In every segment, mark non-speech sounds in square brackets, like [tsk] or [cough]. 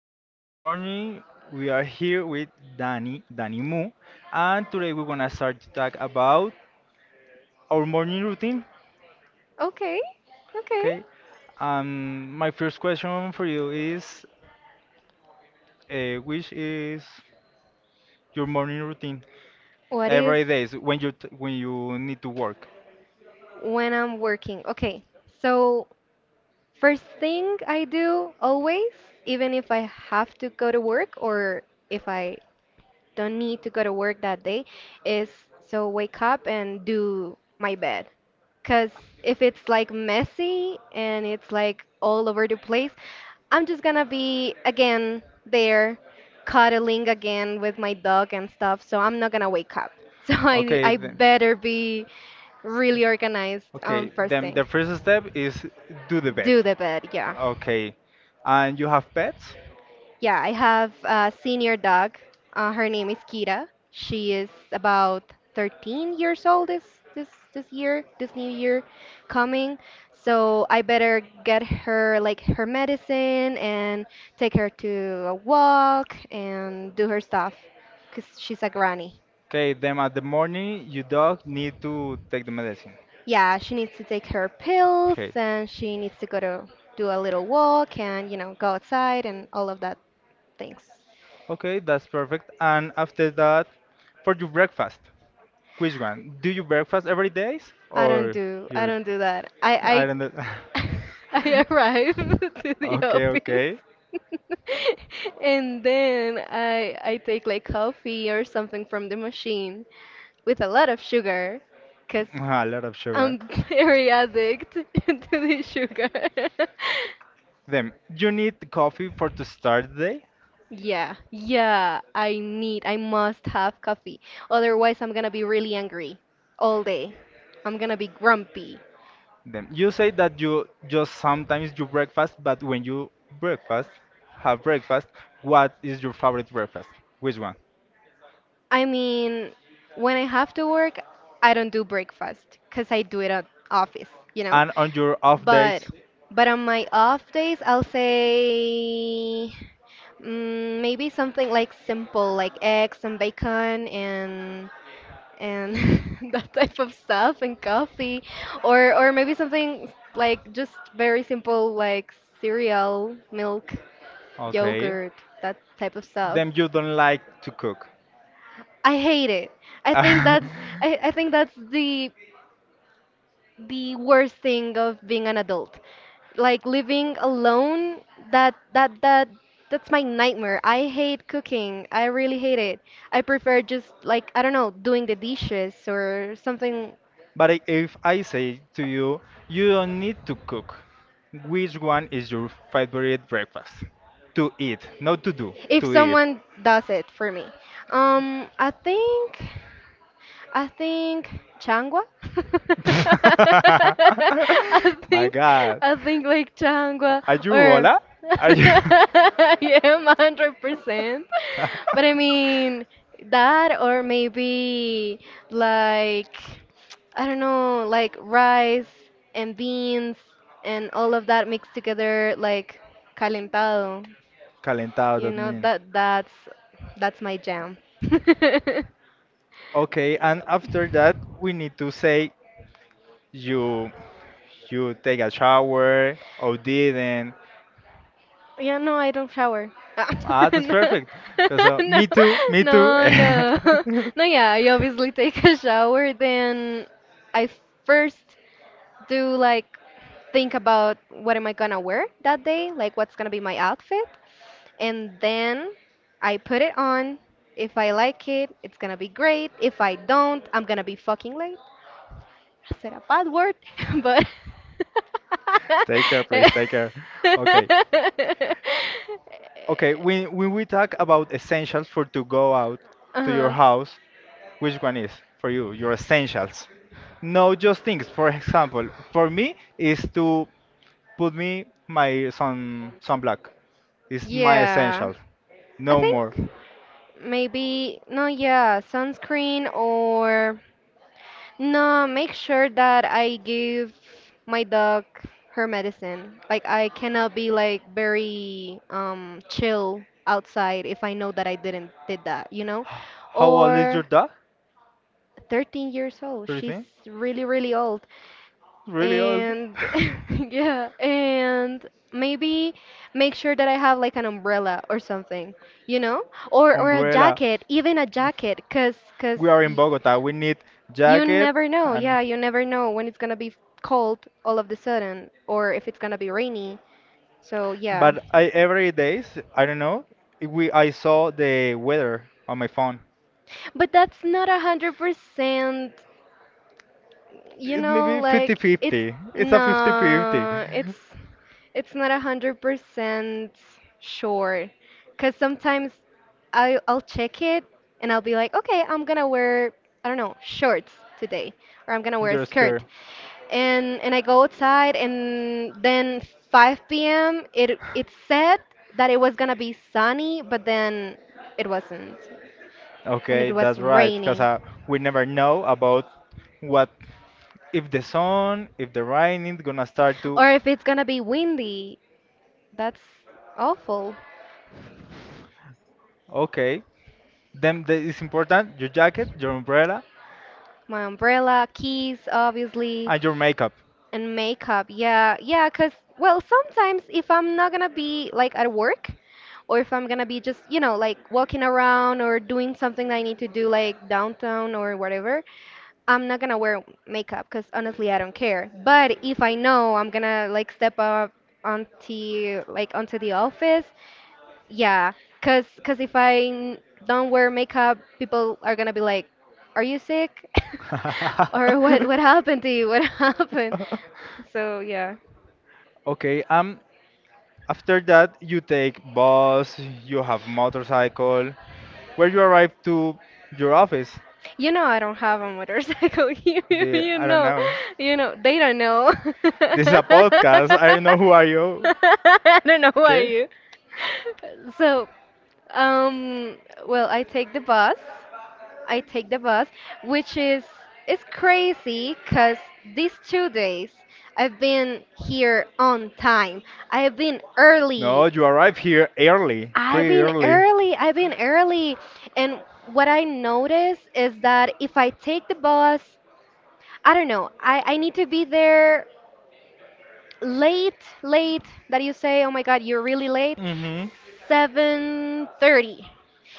Okay, good morning. We are here with Danny Moo, and today we're gonna start to talk about our morning routine. Okay, okay. Okay, my first question for you is, which is your morning routine What is every day so when you t when you need to work? when I'm working? Okay, so first thing I do always, even if I have to go to work or if I don't need to go to work that day is wake up and do my bed. Because if it's like messy and it's like all over the place, I'm just gonna be again there cuddling again with my dog and stuff. So I'm not gonna wake up. [laughs] So I, Okay, I then, better be really organized okay, first then thing. the first step is do the bed. Do the bed, yeah. Okay, and you have pets? Yeah, I have a senior dog. Her name is Kira. She is about 13 years old this year, this new year coming. So I better get her like her medicine and take her to a walk and do her stuff because she's a granny. Okay, then at the morning, your dog need to take the medicine. Yeah, she needs to take her pills Okay. and she needs to go to do a little walk and you know go outside and all of that things. Okay, that's perfect. And after that, for your breakfast, which one? Do you breakfast every days or I your? don't do that. I I don't know. [laughs] I [laughs] I arrive [laughs] to the Okay, office okay. [laughs] and then I take like coffee or something from the machine with a lot of sugar because [laughs] A lot of sugar. I'm [laughs] very addict [laughs] to the sugar. [laughs] Then you need coffee for to start the day. Yeah, yeah, I must have coffee. Otherwise, I'm gonna be really angry all day. I'm gonna be grumpy. Then you say that you just sometimes you breakfast, but when you breakfast, have breakfast, what is your favorite breakfast? Which one? I mean, when I have to work, I don't do breakfast because I do it at office, you know. And on your off days, But but on my off days, I'll say maybe something like simple, like eggs and bacon and [laughs] that type of stuff and coffee, or maybe something like just very simple like cereal, milk, okay, yogurt, that type of stuff. then you don't like to cook. I hate it. I think that's [laughs] I think that's the worst thing of being an adult. Like living alone, that that that that's my nightmare. I hate cooking. I really hate it. I prefer just like I don't know, doing the dishes or something But if I say to you, you don't need to cook, which one is your favorite breakfast? To eat, not to do, if to eat. someone does it for me. Um I think I think Changwa. [laughs] I [laughs] My think God, I think like Changwa are you or Rola? Are you [laughs] yeah, 100%. But I [laughs] mean that or maybe like I don't know, like rice and beans and all of that mixed together like calentado. calentado? You That know means. That's my jam. [laughs] Okay, and after that, we need to say you you take a shower or didn't. Yeah, no, I don't shower. Ah, Ah, [laughs] that's no, perfect. [laughs] Cause no, me too, me too. no, [laughs] no. [laughs] No, yeah, I obviously take a shower. Then I first do like think about what am I gonna wear that day, like what's gonna be my outfit, and then I put it on. If I like it, it's gonna be great. If I don't, I'm gonna be fucking said a bad word, [laughs] but Take care, please, take care. Okay. Okay, when we talk about essentials for to go out to your uh-huh. house, which one is for you? Your essentials. No, just things. For example, for me is to put me my sunblock. It's my Yeah, essentials. I No think more. maybe no, yeah, sunscreen or no, make sure that I give my dog her medicine. Like I cannot be like very chill outside if I know that I didn't did that, you know? [sighs] How old is your Or dog? 13 years old. She's 13? really, really old. Really old. [laughs] And [laughs] yeah, and maybe make sure that I have like an umbrella or something, you know? Or a Umbrella. jacket, even a jacket, cause We are in y- Bogota. We need you jacket never know. and Yeah, you never know when it's gonna be cold all of the sudden or if it's gonna be rainy. So yeah. but I every days, I don't know, we I saw the weather on my phone. But that's not 100%, you It may know, be 50, like it's fifty. It's a fifty-fifty. 50. no, it's it's not 100% sure, because sometimes I'll check it and I'll be like, okay, I'm gonna wear I don't know shorts today, or I'm gonna wear a You're skirt, scared. And I go outside, and then 5 p.m. It said that it was gonna be sunny, but then it wasn't, and it Okay, was that's right. Because rainy. We never know about what if the sun, if the rain is gonna start to. Or if it's gonna be windy, that's awful. Okay, then it's important your jacket, your umbrella, My umbrella, keys, obviously, and your makeup. and makeup. Yeah, yeah. Cause well, sometimes if I'm not gonna be like at work or if I'm gonna be just, you know, like walking around or doing something that I need to do like downtown or whatever, I'm not gonna wear makeup. Cause honestly, I don't care. But if I know I'm gonna like step up onto onto the office. Yeah, cause if don't wear makeup, people are gonna be like, "Are you sick?" [laughs] or "What [laughs] [laughs] happened to you? What [laughs] happened?" So yeah, Okay, I'm after that, you take bus, you have motorcycle. Where you arrive to your office? you know I don't have a motorcycle. [laughs] You I don't know, know. you know they don't know. This is a [laughs] podcast. I don't know who are you. I don't know who are Okay. you. [laughs] So um, well I take the bus. I take the bus, which is it's crazy because these 2 days I've been here on time. I have been early. No, you arrive here early, I've pretty been early. early. I've been early. And what I notice is that if I take the bus, I don't know, I need to be there late, late, that you say, oh my God, you're really late, Mm-hmm. 7:30.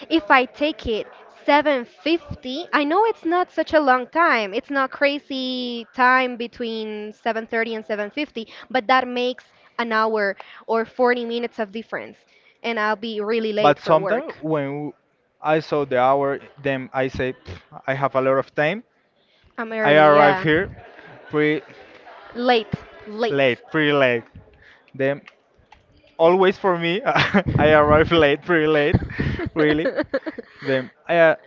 If I take it 7:50, I know it's not such a long time. It's not crazy time between 7:30 and 7:50, but that makes an hour or 40 minutes of difference, and I'll be really late But for sometimes work. when I saw the hour, then I say, "Pff, I have a lot of time." I'm I early, arrive yeah. here pretty Late, late, late. pretty late. Then always for me, [laughs] I arrive late, pretty late, really. Then [laughs]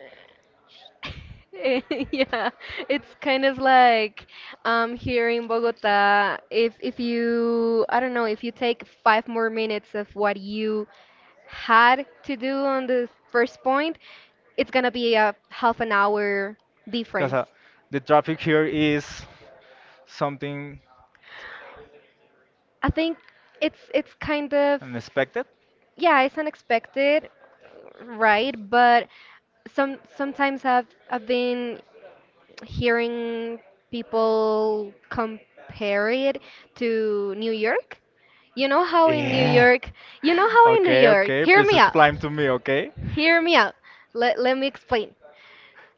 [laughs] Yeah, it's kind of like here in Bogota, if you, I don't know, if you take five more minutes of what you had to do on the first point, it's gonna be a half an hour because difference. The traffic here is something I think it's kind of, unexpected. yeah, it's unexpected, right? But sometimes I've been hearing people compare it to New York. You know how in New Yeah. York, you know how in New Okay, York, okay. hear Please me out. explain to me, okay? Hear me out. Let me explain.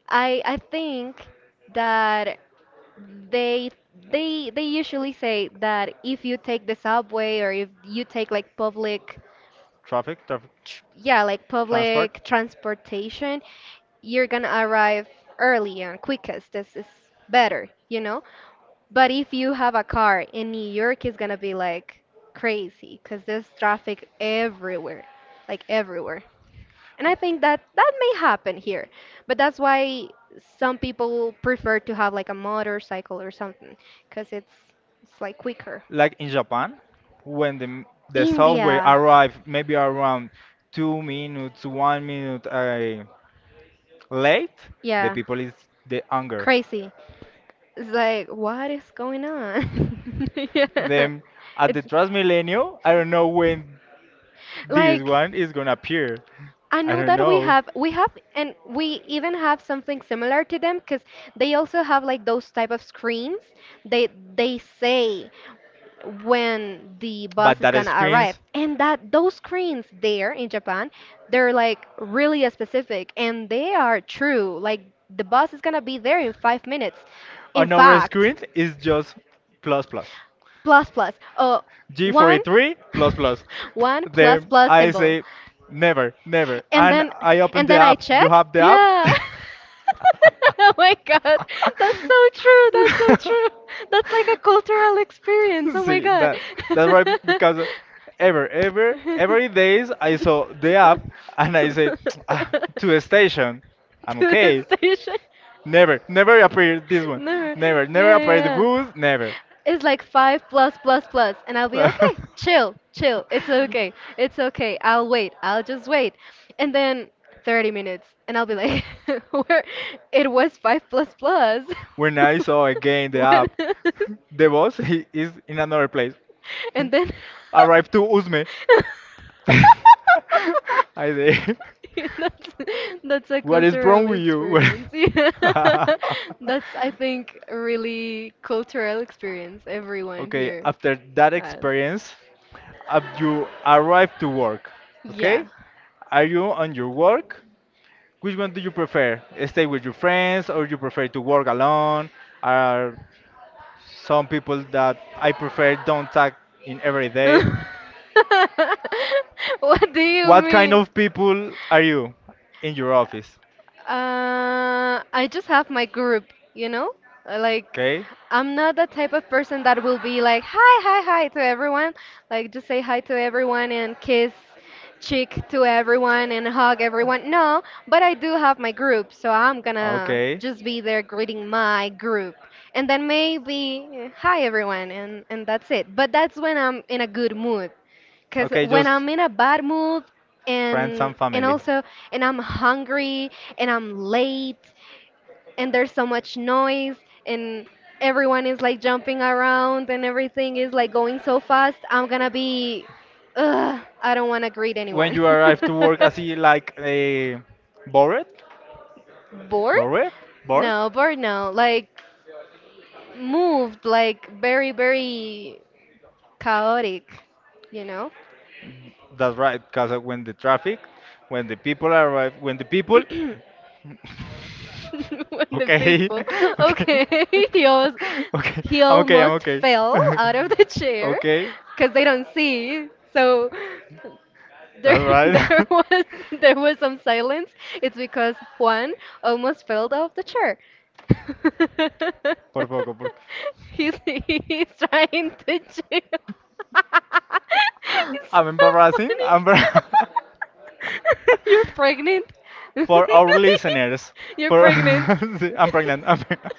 I think that they they usually say that if you take the subway or if you take like public Traffic, traffic, yeah, like transport. public transportation, you're gonna arrive early and quickest. This is better, you know? But if you have a car in New York, it's gonna be like crazy because there's traffic everywhere, like everywhere. And I think that that may happen here, but that's why some people prefer to have like a motorcycle or something because it's like quicker. Like in Japan, when the software India, arrive maybe around 2 minutes, 1 minute late, the yeah, people is the anger. crazy. It's like, what is going on? [laughs] yeah. Then at the It's Transmilenio, I don't know when this like one is gonna appear. I I know don't that know. We have and we even have something similar to them because they also have like those type of screens. They they say when the But bus is that gonna arrive screens and that those screens there in Japan they're like really specific and they are true like the bus is gonna be there in 5 minutes in on our fact screen is just plus plus. plus plus one G43 [laughs] plus plus. one plus Then plus I symbol say never, never. and And then I open the I app. You check. have the app? Yeah. [laughs] [laughs] Oh my god. That's so true. That's so true. That's like a cultural experience. Oh my See god. that [laughs] that's right To because every days I saw the app and I say [tsk] ah, to a station I'm the okay, station. never never [laughs] appear this one, Never. Yeah, never never yeah, appear the yeah. booth, never. It's like five plus plus plus, and I'll be okay. [laughs] Chill, chill. It's okay. [laughs] It's okay. I'll wait. I'll just wait. And then 30 minutes, and I'll be like, [laughs] where it was five plus plus. When I [laughs] saw again the When- app, [laughs] the boss he is in another place. [laughs] and then [laughs] Arrived to Uzme. [laughs] I [laughs] say, [laughs] that's a what is wrong cultural with you? [laughs] experience. [laughs] Yeah. [laughs] That's I think a really cultural experience everyone okay, here after that has. experience, have you arrived to work? Yeah. Okay, are you on your work? Which one do you prefer? Stay with your friends, or you prefer to work alone? Or some people that I prefer don't tag in every day. [laughs] What do you What kind of mean? people are you in your office? I just have my group, you know? Like, Okay. I'm not the type of person that will be like, hi, hi, hi to everyone. Like, just say hi to everyone and kiss cheek to everyone and hug everyone. No, but I do have my group, so I'm gonna Okay. just be there greeting my group. And then maybe, hi, everyone, and that's it. But that's when I'm in a good mood. Because Okay, when just I'm in a bad mood friends and and family. also and I'm hungry and I'm late and there's so much noise and everyone is like jumping around and everything is like going so fast, I'm gonna be ugh, I don't want to greet When anyone. you arrive to work, I see like a [laughs] bored, Bored? bored, bored. No, bored no. Like moved, like very very chaotic, you know? That's right, because when the traffic, when the people arrive, when the people. [laughs] [laughs] when the Okay, people [laughs] okay, okay [laughs] [laughs] he almost, okay. he I'm okay. I'm almost okay. fell [laughs] out of the chair Okay, because they don't see so that's there, [laughs] right. [laughs] There was some silence. It's because Juan almost fell off the chair. [laughs] Por poco, por. He's trying to chill. [laughs] It's [laughs] so I'm embarrassing. I'm funny. embarrassing. [laughs] [laughs] You're pregnant. For our listeners, [laughs] You're for [laughs] pregnant. sí, I'm [laughs] pregnant. I'm pregnant.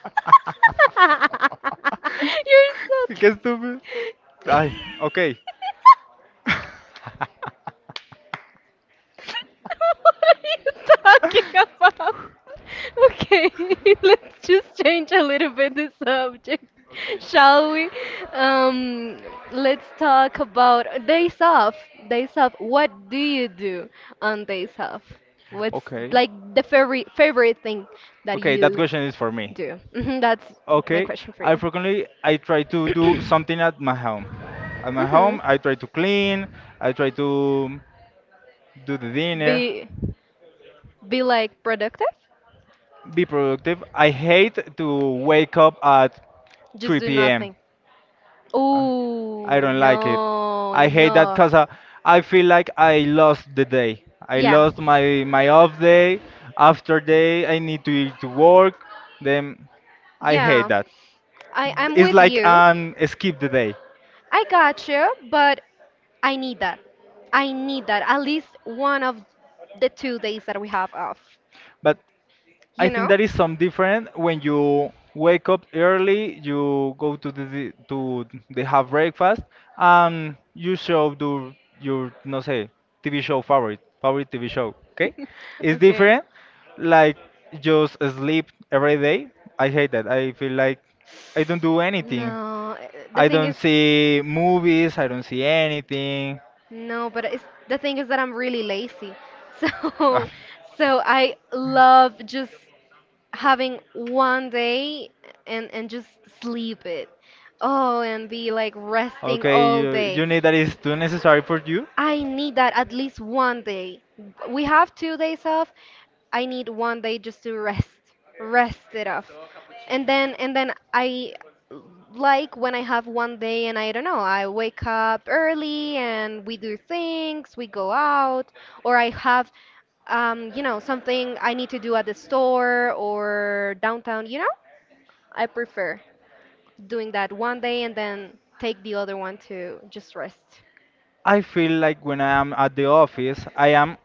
[laughs] Qué You're estúpido. so. [laughs] Ay, okay. [laughs] What are you talking about? [laughs] Okay. Okay, [laughs] let's just change a little bit the subject, [laughs] shall we? Um, let's talk about days off. Days off. What do you do on days off? What's Okay. like the favorite thing that Okay, that you question is for me. do? Mhm, that's my Okay, question for I you. frequently I try to do something [coughs] at my home. At [clears throat] my Mhm. home, I try to clean, I try to do the dinner, Be. Be like productive? be productive. I hate to wake up at Just do 3 p.m. nothing. I Oh, don't like it. no, I hate that no. because I feel like I lost the day. I Yeah. lost my off day. After day, I need to ir to work. Then I hate Yeah, that. I'm It's with like you. an skip the day. I got you, but I need that. I need that. At least one of the 2 days that we have off, But you I think know? that is some different when you wake up early, you go to the have breakfast, and you show do your no say TV show favorite TV show. Okay, it's Okay. different. Like just sleep every day. I hate that. I feel like I don't do anything. No, eh, the I thing don't is, see movies. I don't see anything. no, but it's the thing is that I'm really lazy. So, Ah. [laughs] so I love just having one day and just sleep it. Oh, and be like [laughs] resting Okay, all you, day. you need that is too necessary for you. I need that at least one day. We have 2 days off. I need one day just to rest, rest it off. And then I, like when I have one day and I don't know, I wake up early and we do things, we go out, or I have something I need to do at the store or downtown. I prefer doing that one day and then take the other one to just rest. I feel like when I am at the office, I am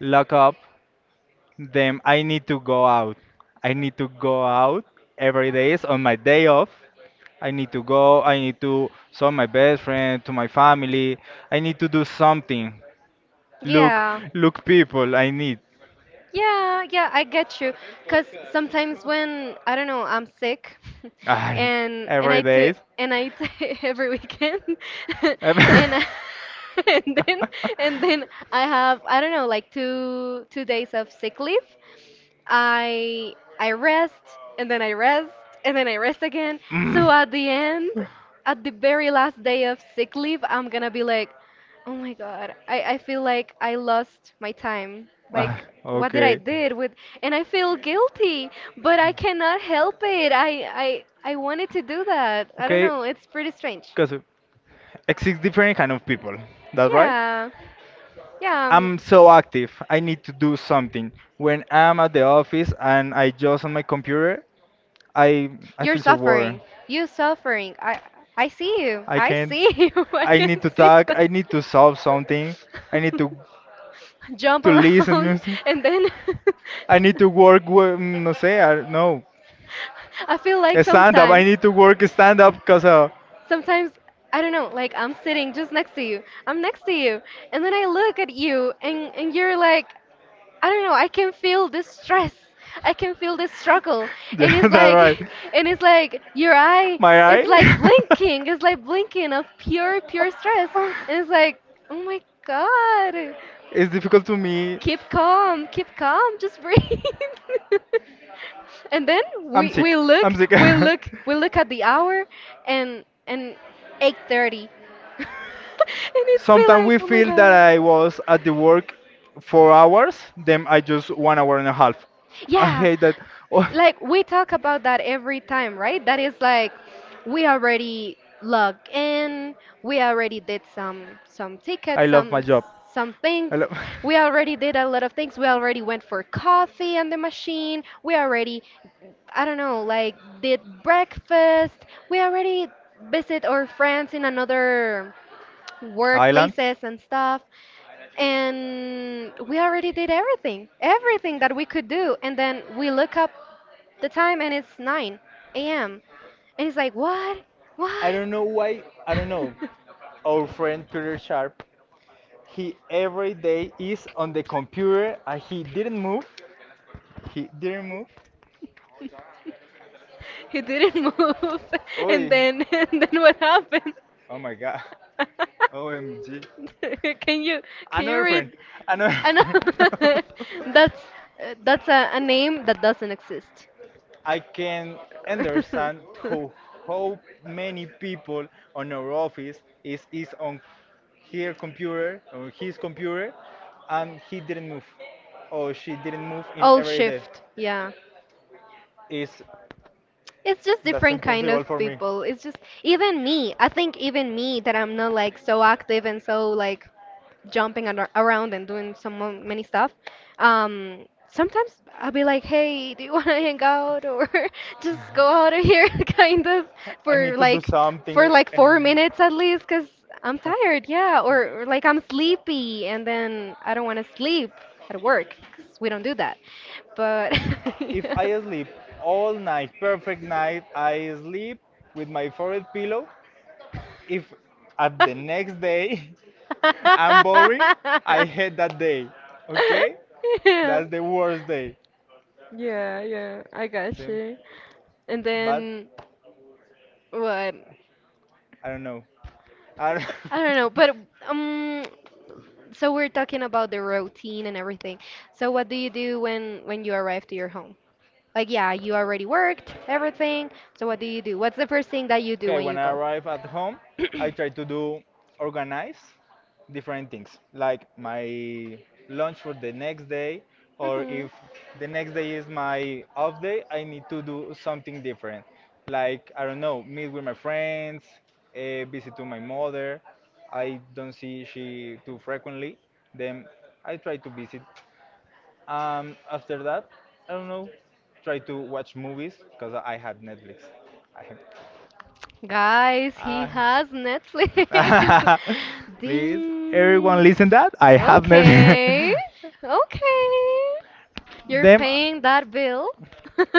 locked up, then I need to go out. I need to go out every day is on my day off. I need to go, I need to saw my best friend, to my family. I need to do something. Look, Yeah. look people, I need. Yeah, yeah, I get you. Cause sometimes when I don't know, I'm sick, [laughs] I and and every I day. t and I t [laughs] every weekend, [laughs] [laughs] and I- [laughs] and then [laughs] and then I have, I don't know, like two days of sick leave, I rest and then I rest and then I rest again. Mm. So at the end, [sighs] at the very last day of sick leave, I'm gonna be like, oh my God, I feel like I lost my time. Ah, Like what did I okay. did with, and I feel guilty, but I cannot help it. I I wanted to do that. I don't Okay, know, it's pretty strange. because exist different kind of people. That's right. Yeah. Yeah, I'm so active. I need to do something. When I'm at the office and I just on my computer, I I you're feel so bored. suffering. You suffering. I see you. I I can't. see [laughs] you. I I can need to see. talk. I need to solve something. I need to [laughs] Jump to listen around music. [laughs] and then [laughs] I need to work, no sé, no, I feel like stand up. I sometimes need to work stand up because, sometimes I don't know, like I'm sitting just next to you. I'm next to you and then I look at you and you're like, I don't know. I can feel this stress. I can feel this struggle, [laughs] and yeah, it's that's like, right. [laughs] and it's like your eye My is like eye? blinking. It's like blinking of pure, pure stress, and it's like, oh my [laughs] god, it's difficult to me. Keep calm, just breathe. [laughs] And then I'm we sick. I'm look, sick. [laughs] we look, we look at the hour, and 8:30, [laughs] and it's feel Sometimes like, we oh my feel that god. I was at the work for hours, then I just 1 hour and a half. I Yeah, hate that. Oh, like we talk about that every time, right? That is like we already logged in, we already did some I tickets, love my some job. some things. I love We [laughs] already did a lot of things. We already went for coffee on the machine. We already, I don't know, like did breakfast. We already visit our friends in another islands. workplaces and stuff, and we already did everything, everything that we could do, and then we look up the time and it's 9 a.m. And he's like, what? I What? don't know why. I don't [laughs] know. Our friend Peter Sharp, he every day is on the computer and he didn't move. He didn't move. He didn't move. [laughs] Oi. And then [laughs] and then what happened? Oh my god. [laughs] OMG. can you can you Another friend. read? Another [laughs] I know friend. [laughs] that's [laughs] that's a name that doesn't exist. I can understand how, how many people on our office is on her computer or his computer and he [laughs] didn't move or she didn't move in All every day. shift, yeah. Is It's just that's different kind impossible of for me. people. It's just even me. I think even me that I'm not like so active and so like jumping ar- around and doing some mo- many stuff. Sometimes I'll be like, "Hey, do you want to [laughs] hang out or [laughs] just go out of here?" [laughs] Kind of I for need to do like something. for like 4 minutes at least, because I'm tired. Yeah, or like I'm sleepy, and then I don't want to sleep at work 'cause we don't do that. But [laughs] If yeah. I sleep all night, perfect night, I sleep [laughs] with my forehead pillow. If at the next day I'm boring. I hate that day. Okay? Yeah. That's the worst day. Yeah, yeah, I got Then, you. And but then what? [laughs] I don't know. I don't I don't [laughs] know, but um, so we're talking about the routine and everything. So what do you do when you arrive to your home? Like, yeah, you already worked everything. So what do you do? What's the first thing that you do okay, when you when I go? [clears throat] arrive at home, I try to do organize different things, like my lunch for the next day, or Mhm. if [coughs] the next day is my off day, I need to do something different. Like, I don't know, meet with my friends, visit to my mother. I don't see she too frequently. Then I try to visit after that, I don't know, try to watch movies because I had Netflix. I Guys, he have, has Netflix. [laughs] Ah. [laughs] Please, everyone Ding. listen that I have Netflix. Okay. Okay. [laughs] You're Then paying that bill.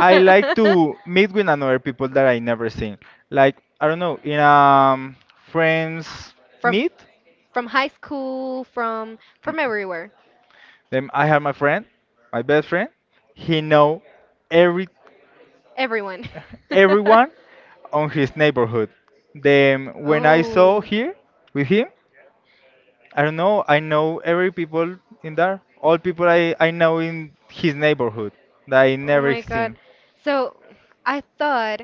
I like to meet with another people that I never seen. Like I don't know, in friends From meet. from high school, from everywhere. Then I have my friend, my best friend. He know every Everyone. [laughs] everyone on his neighborhood. Then when I saw Oh. here with him, I don't know. I know every people in there. All people I know in his neighborhood that I Oh never my God. seen. So I thought,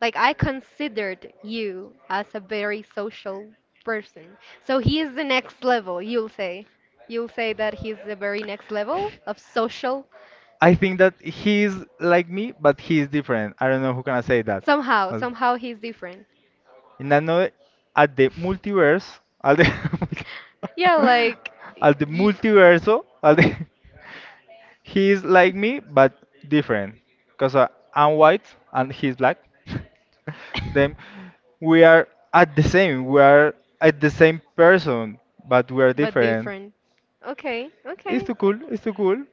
like, I considered you as a very social person. So he is the next level, you'll say. You'll say that he's the very next level of social. I think that he is like me, but he is different. I don't know who can I say that. Somehow, Uh, somehow he's different. In another, at the multiverse, at the, Yeah, like, [laughs] at the y multiverso, at the, [laughs] he's like me, but different. Because I'm white and he's black. [laughs] Then we are at the same. We are at the same person, but we are [laughs] but different. different. Okay, It's okay. too cool. It's too cool.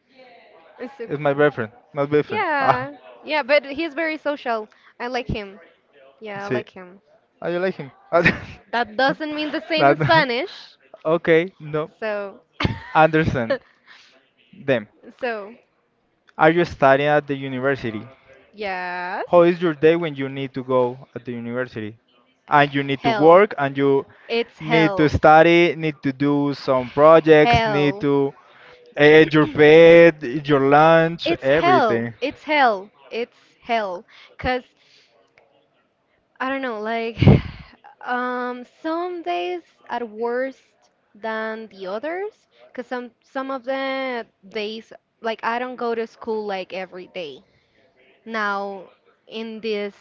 It's so It's my cool. boyfriend. My boyfriend. [laughs] Ah, Yeah, yeah, but he's very social. I like him. Yeah, I see. like him. Oh, you like him? Ah, That doesn't mean the [laughs] same in no. Spanish. Okay, no. So, Anderson, [laughs] them. so, Are you studying at the university? yes. How is your day when you need to go at the university? And you need to Hell. work and you It's need to hell. study, need to do some projects, need Hell. to eat your [clears throat] bed, eat your lunch, It's hell. everything. It's hell. It's hell. Cause I don't know, like [sighs] some days are worse than the others because some of the days, like I don't go to school like every day. Now in this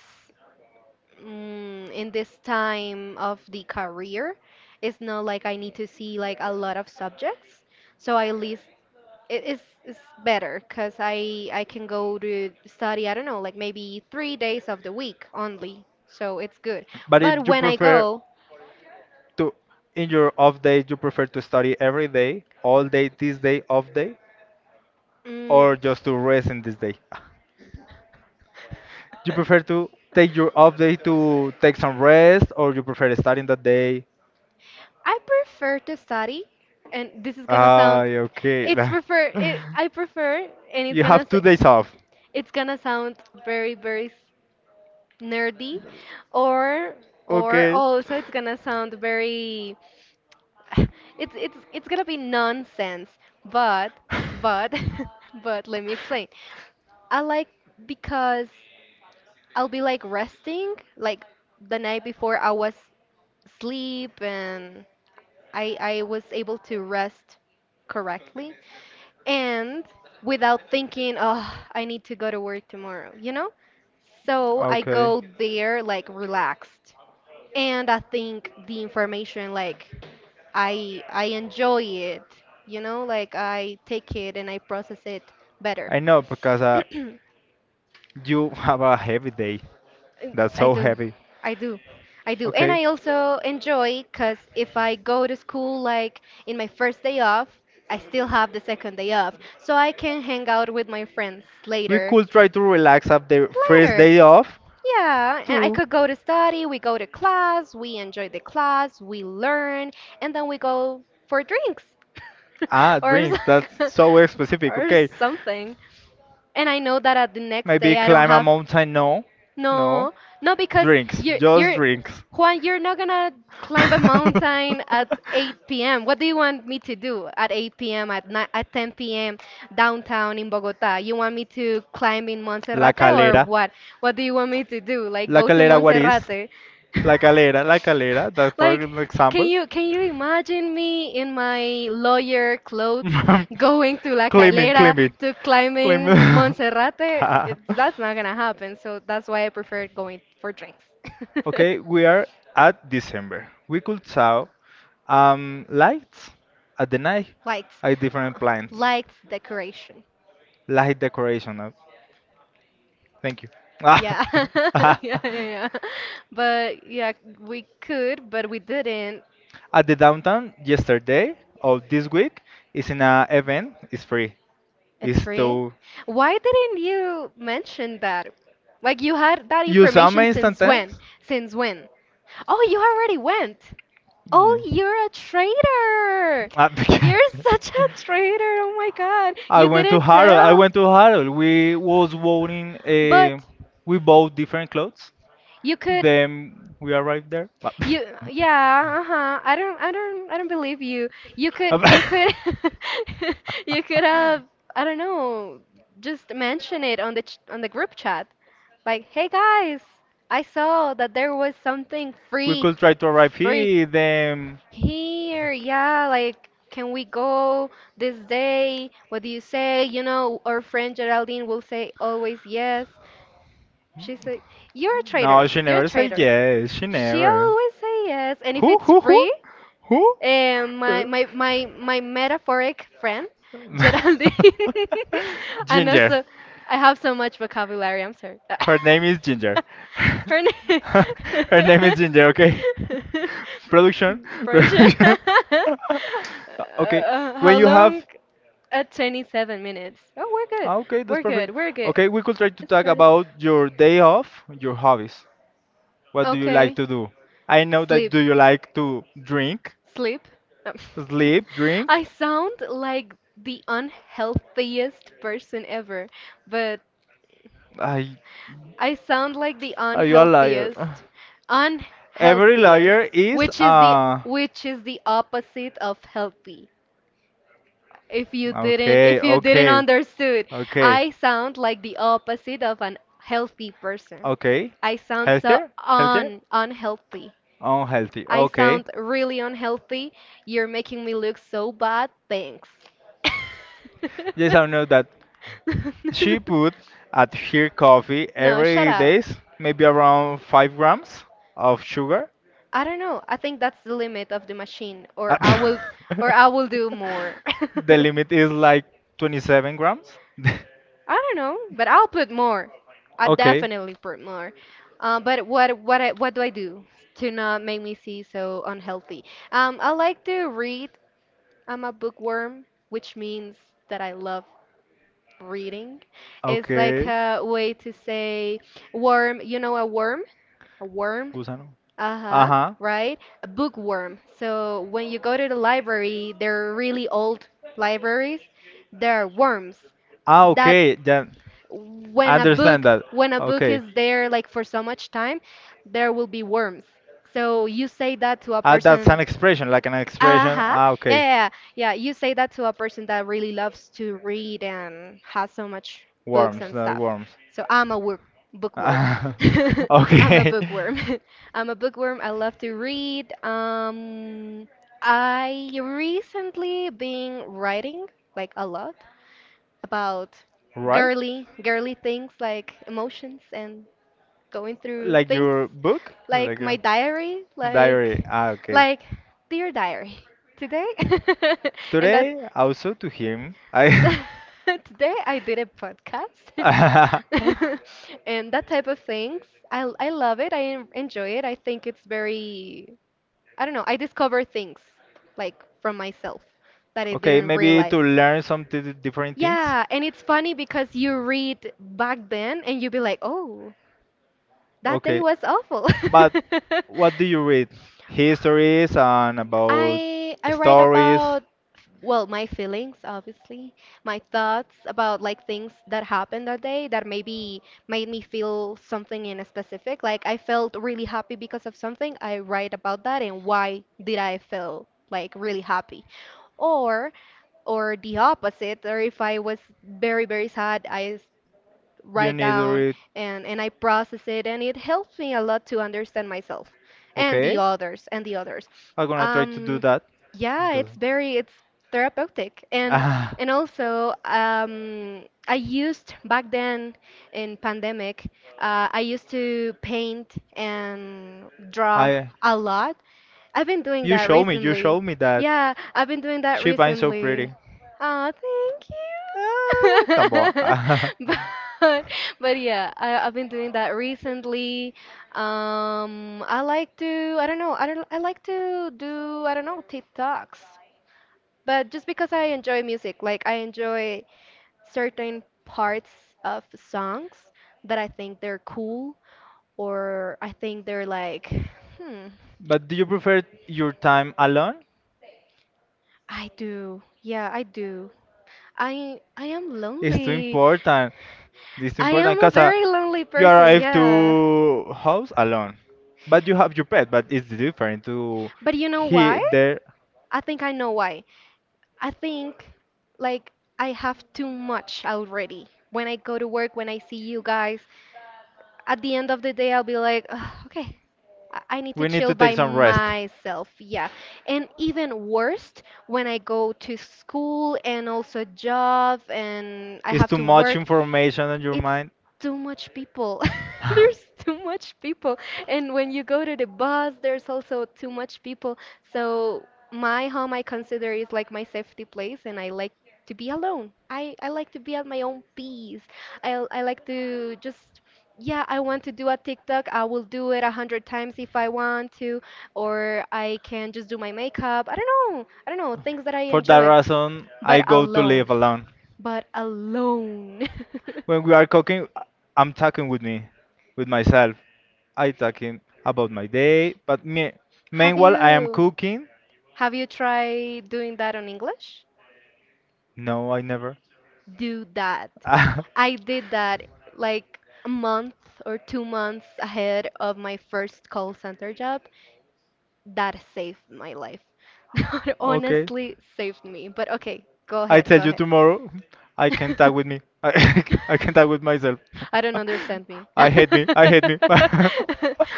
in this time of the career, it's not like I need to see like a lot of subjects. So I list it is, it's better because I can go to study, I don't know, like maybe 3 days of the week only. So it's good. But if But you when I prefer go, to, in your off day, you prefer to study every day, all day, this day, off day, mm, or just to rest in this day? [laughs] You prefer to take your off day to take some rest, or you prefer studying that day? I prefer to study, and this is gonna sound, Ay, okay. it's prefer, [laughs] it, I prefer, and it's You gonna, have two s- days off. [laughs] it's gonna sound very, very s- nerdy, or, or Okay. also it's gonna sound very [laughs] it's gonna be nonsense but but [laughs] but let me explain. I like, because I'll be like resting like the night before I was sleep and I was able to rest correctly, and without thinking, oh, I need to go to work tomorrow, you know, so I Okay. go there like relaxed and I think the information, like I enjoy it, you know, like I take it and I process it better. I know because [clears throat] you have a heavy day. That's I so do. heavy. I do. I do. And Okay. I also enjoy cuz if I go to school like in my first day off, I still have the second day off, so I can hang out with my friends We later. could try to relax after first Later. day off Yeah, and I too. could go to study, we go to class, we enjoy the class, we learn, and then we go for drinks Ah, [laughs] or s- drinks. That's [laughs] [laughs] so specific. or Okay. something. And I know that at the next Maybe day I don't climb a have mountain. No. No. no, no because Drinks. you're Just you're drinks. Juan, you're not gonna climb a mountain at 8 p.m. What do you want me to do at [laughs] 8 p.m. at ni- at 10 p.m. downtown in Bogota? You want me to climb in La Monserrate or Calera. what? What do you want me to do? Like La go to Calera, what is? Monserrate? [laughs] La Calera, La Calera, [laughs] that's for Like, an can example. you can you imagine me in my lawyer clothes [laughs] going to La Claiming, Calera claiming, to claiming. climbing [laughs] Monserrate? It, that's not gonna happen. So that's why I prefer going for drinks. [laughs] Okay, we are at December. We could saw lights at the night Lights, at different plants, lights, decoration. light decoration. Thank you. [laughs] At Yeah. [laughs] Yeah, yeah, yeah. But yeah, we could, but we didn't. the downtown yesterday or this week is in a event. It's free. It's It's free? to Why didn't you mention that? Like you had that you saw information my since when? instantaneous. Since when? Oh, you already went. Oh, Yeah. you're a traitor. Ah, You're [laughs] such because- a traitor. Oh my God. [laughs] I You went to didn't Harold. I tell. went to Harold. We was voting. But We bought different clothes. you could. Then we arrived there. [laughs] You, yeah, uh-huh. I don't believe you. You Ah, could, but- you could, [laughs] [laughs] you could have, I don't know, just mention it on the ch on the group chat. Like, hey guys, I saw that there was something we free, could try to arrive free here, then. here. Yeah, like, can we go this day? What do you say? You know, our friend Geraldine will say always yes. She said, "You're a No, traitor. she You're a never said traitor." yes. She She never. always say yes, and if Who? it's Who? Who? free, Who? My metaphoric friend Geraldine, Uh, [laughs] [laughs] and Ginger. also I have so much vocabulary. I'm sorry. Her name is [laughs] Ginger. [laughs] Her name. Her name is Ginger, okay? [laughs] [laughs] Production. [laughs] Persian. Production. [laughs] [laughs] okay. Uh, When how you have long? At 27 minutes. Oh, we're good. Ah, okay, that's We're perfect. good. We're good. Okay, we could try to It talk started. about your day off, your hobbies. What do you like Okay. to do? I know that Sleep. do you like to drink, Sleep? No. sleep, [laughs] drink? I sound like the unhealthiest person ever, but I, I sound like the are you a liar? [laughs] unhealthiest, Every liar unhealthiest, is which is the which is the opposite of healthy. Okay, If you didn't okay. understood, Okay. I sound like the opposite of an healthy person. Okay. I sound so Healthier? Healthier? un unhealthy. Unhealthy. I Okay. sound really unhealthy. You're making me look so bad. Thanks. [laughs] Yes, I know that. She put at her coffee No, shut every up. days maybe around 5 grams of sugar. I don't know. I think that's the limit of the machine, Uh, [laughs] or I will do more. [laughs] the limit is like 27 grams. [laughs] I don't know, but I'll put more. I okay, definitely put more. But what do I do to not make me see so unhealthy? I like to read, I'm a bookworm, which means that I love reading. It's like okay. a way to say worm, you know, a worm? A worm? Gusano. Uh Uh-huh, huh. right? A bookworm. So when you go to the library, they're really old libraries, there are worms. Ah, That okay. Then I understand that. when a book Okay. is there like for so much time, there will be worms. So you say that to a Ah, that's person. an expression, like an expression. Uh-huh. Ah, Yeah, yeah, okay. yeah. Yeah, you say that to a person that really loves to read and has so much books Worms, and the stuff. worms. So I'm a work bookworm. Ah, [laughs] [laughs] I'm a okay. bookworm. [laughs] [laughs] I'm a bookworm. I love to read. I recently been writing like a lot about Right? girly, girly things like emotions and going through Like things your book? like Like my a diary, like diary. Ah, okay. like dear diary, today [laughs] and that Today, also to him, I. [laughs] today I did a podcast [laughs] [laughs] and that type of things. I love it. I enjoy it. I think it's very, I don't know. I discover things like from myself that I okay, didn't maybe realize. to learn some di- different things. Yeah, and it's funny because you read back then and you be like, "Oh, that day Okay. was awful." But [laughs] what do you read? Histories and about I write stories. about well, my feelings, obviously, my thoughts about like things that happened that day that maybe made me feel something in a specific, like, I felt really happy because of something. I write about that, and why did I feel like really happy? Or or the opposite, or if I was very very sad I You write need to down, read. and I process it, and it helps me a lot to understand myself and the Okay, others and the others. I'm gonna try to do Um, that. yeah, Because it's [laughs] very it's therapeutic, and Ah, and also I used back then in pandemic, I used to paint and draw I, a lot. I've been doing that you show recently. me that Yeah, I've been doing that sheep I'm so recently. pretty. Oh, thank Ah, tampoco. you. [laughs] [laughs] But but yeah, I've been doing that recently. I like to, I don't know, I don't, I like to do, I don't know, TikToks. But just because I enjoy music, like I enjoy certain parts of songs that I think they're cool, or I think they're like, hmm. But do you prefer your time alone? I do. Yeah, I do. I am It's too lonely. important. It's too I important am a because very lonely you person, arrive yeah. to house alone, but you have your pet. But it's different to But you know he why? there. I think I know why. I think, like, I have too much already. When I go to work, when I see you guys, at the end of the day I'll be like, "Ugh, okay, I need to We need to chill take by some rest. myself." Yeah. And even worst, when I go to school and also job and I It's have too to much work, information on your it's mind. [laughs] too much people. [laughs] There's too much people. And when you go to the bus, there's also too much people. So my home I consider is like my safety place, and I like to be alone. I like to be at my own peace. I like to just, yeah, I want to do a TikTok. I will do it 100 times if I want to, or I can just do my makeup. I don't know. I don't know. Things that I For that enjoy. reason, I But go to alone. live alone. But alone. When [laughs] we are cooking, I'm talking with me, with myself. I talking about my day, but me, Have meanwhile I am you cooking. have you tried doing that on English? No, I never. Do that. I did [laughs] that like a month or 2 months ahead of my first call center job. That saved my life. [laughs] That okay. honestly saved me. But okay, go I ahead, tell go you ahead. tomorrow, I can't talk with me. [laughs] I can't talk [laughs] with myself. I don't understand me. [laughs] I hate me. [laughs] I hate me. [laughs]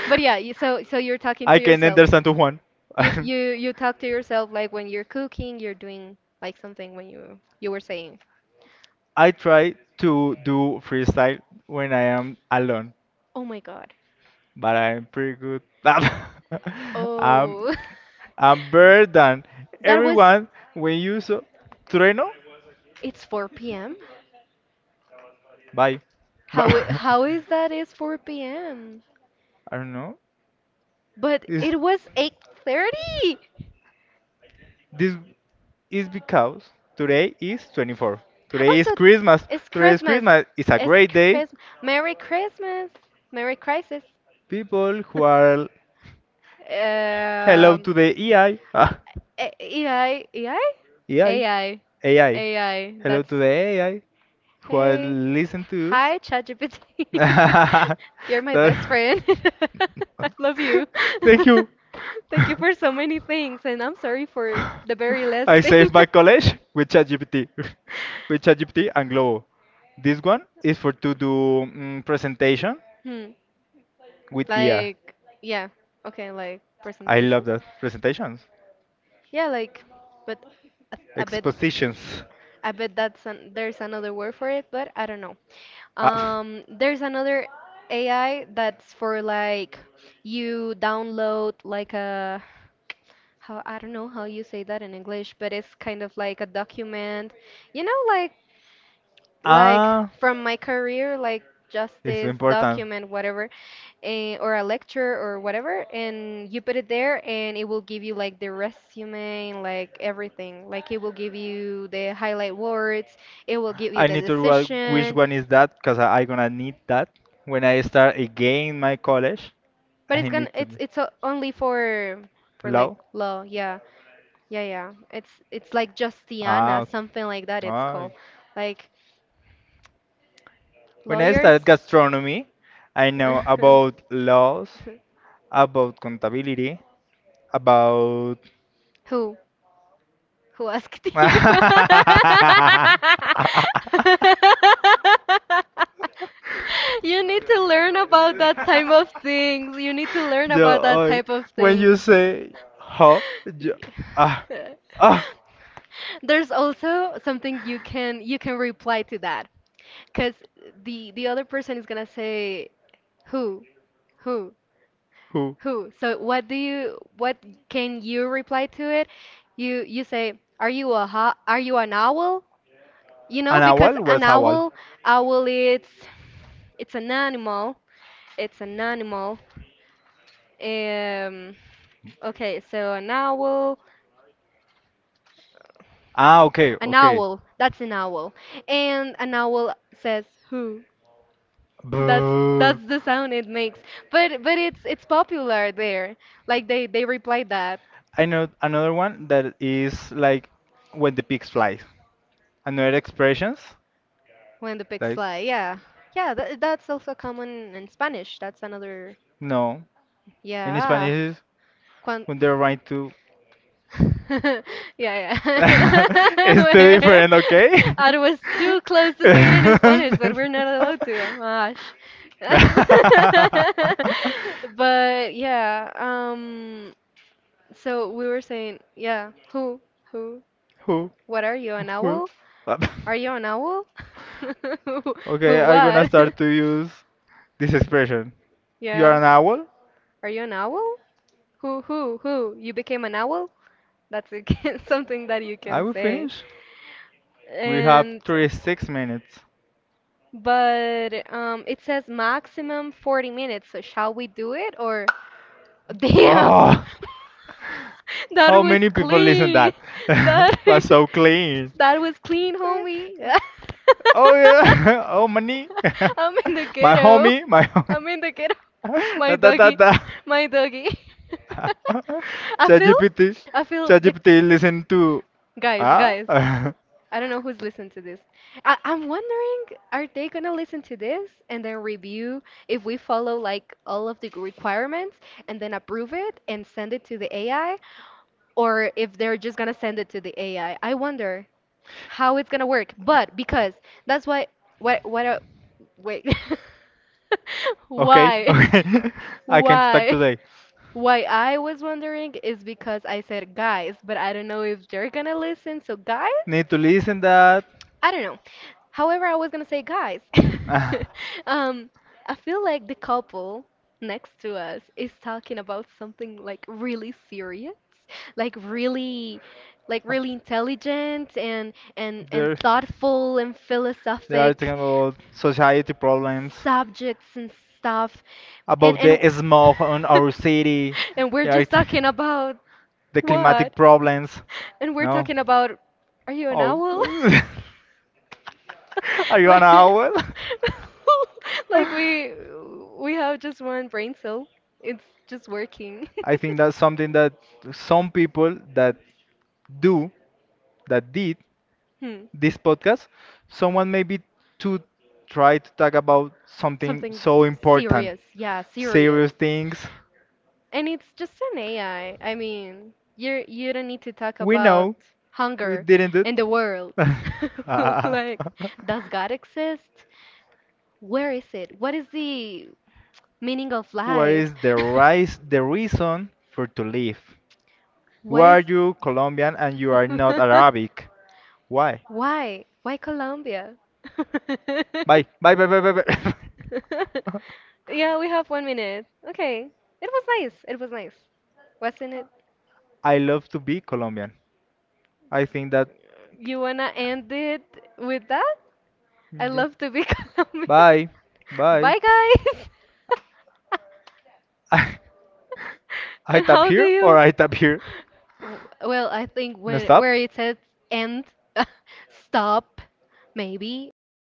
But yeah, so you're talking I to can yourself. understand to Juan. You you [laughs] you talk to yourself like when you're cooking, you're doing like something when you were saying, I try to do freestyle when I am alone, "Oh my God." but I'm pretty good. [laughs] I'm Oh. [laughs] I'm better than That was everyone when you so trueno. It's 4 p.m. Bye. How [laughs] i- how is that is 4 p.m.? I don't know. But Is it was 8:30. this is because today is 24. Today is Also, Christmas. it's Today is Christmas. Christmas. It's a It's great day. Christmas. Merry Christmas. Merry Crisis. People who are hello Um, to the AI. Ah, AI, AI, AI. AI, AI. AI. Hello That's to the AI who are Hey, listen to us. hi, ChatGPT. [laughs] That- [laughs] You're my [laughs] best friend. [laughs] I love you. [laughs] Thank you. [laughs] Thank you for so many things, and I'm sorry for the very last I thing. saved my college with [laughs] ChatGPT, [laughs] with ChatGPT and Glovo. This one is for to do presentation Hmm. with IA. Like, yeah, okay, like I presentation. love that presentations, Yeah, like, but I, I bet expositions. I bet there's another word for it, but I don't know. Ah, pff. There's another AI that's for like you download like a how, I don't know how you say that in English, but it's kind of like a document, you know, like like Ah from my career, like just it's this important. document, whatever, or a lecture or whatever, and you put it there, and it will give you like the resume, and, like, everything. Like it will give you the highlight words, it will give you I the need to write which decision, one is that because I'm gonna need that when I start again my college. but I it's gonna need to it's only for like low. law. Yeah, yeah, yeah. It's like Justiana, Ah, something like that. It's ah. called like When I lawyers. started gastronomy, I know about laws, [laughs] about contability, about. Who? Who asked you? [laughs] [laughs] You need to learn about that type of things. You need to learn Yo, about that ay, type of when you things. say how, yo, ah, [laughs] ah, There's also something you can reply to that, because the other person is gonna say who, who, who? who. So what can you reply to it? You say, are you are you an owl? You know, An owl? because What an is owl? owl, owl, it's it's an animal. It's an animal. Um, okay, so an owl, Ah, okay, an okay. owl. That's an owl, and an owl says who. That's Boo. that's the sound it makes. but it's popular there. Like they replied that I know another one that is like when the pigs fly. Another expressions when the pigs like fly. Yeah, yeah. Th That's also common in Spanish. That's another. no, in Yeah. Spanish is Cuan. when they're trying to. [laughs] Yeah, [laughs] yeah. [laughs] it's too Whatever. different, okay? I was too close to say it in Spanish, but we're not allowed to. Oh, gosh. [laughs] [laughs] But yeah, so we were saying, yeah, who, Who? what are you, an Who? owl? [laughs] Are you an owl? [laughs] Who, Okay, who, I'm gonna what? start to [laughs] use this expression. You are Yeah. an owl? Are you an owl? Who, who? You became an owl? That's again [laughs] something that you I can will say. finish. We have And 36 minutes. [laughs] But it says maximum 40 minutes, so shall we do it, or damn. [laughs] Oh, That how was many people listen clean. that? [laughs] [laughs] That Was is so clean. that was clean, homie. [laughs] Oh yeah. [laughs] Oh money. I'm [laughs] in the [laughs] My ghetto. homie, my homie. I'm in the ghetto. [laughs] Da My da da doggy. da. My doggy. [laughs] [laughs] I feel ChatGPT. I feel ChatGPT listen to Guys, Ah? guys, [laughs] I don't know who's listening to this. I'm wondering, are they gonna listen to this and then review if we follow like all of the requirements and then approve it and send it to the AI, or if they're just gonna send it to the AI? I wonder how it's gonna work. But because that's why, what, wait, [laughs] okay, [laughs] why, okay. [laughs] I can talk why? today. Why I was wondering is because I said guys, but I don't know if they're gonna listen. So guys, Need to listen that. I don't know. However, I was gonna say, guys, [laughs] um, I feel like the couple next to us is talking about something like really serious, like [laughs] really, like really intelligent and and They're, thoughtful and they are talking philosophic about society problems, subjects and stuff, and about the and smog on our city. [laughs] and we're They are just talking talking about the climatic what? problems. And we're No. talking about, are you an Oh, owl? [laughs] [laughs] are [laughs] you an like owl? [laughs] like we [laughs] we have just one brain cell. It's just working. I think that's something that some people that do that did [laughs] Hmm. this podcast, someone maybe to try to talk about something Something so important, serious. Yeah, serious. serious things. And it's just an AI. I mean, you don't need to talk We about know we hunger didn't do. in the world. [laughs] What [laughs] is the Like, does God exist? Where is it? What is the meaning of life? rise the [laughs] reason for to leave? What Why are is? you Colombian and you are not [laughs] Arabic? Why? Why? Why Colombia? [laughs] [laughs] Bye bye bye bye bye. Bye. [laughs] Yeah, we have 1 minute. Okay. It was nice. It was nice. Wasn't it? I love to be Colombian. I think that. You wanna end it with that? I Yeah. love to be [laughs] Colombian. Bye bye. [laughs] Bye, guys. [laughs] I And tap how do here or you? I tap here. Well, I think when where it says end, [laughs] stop, maybe. I think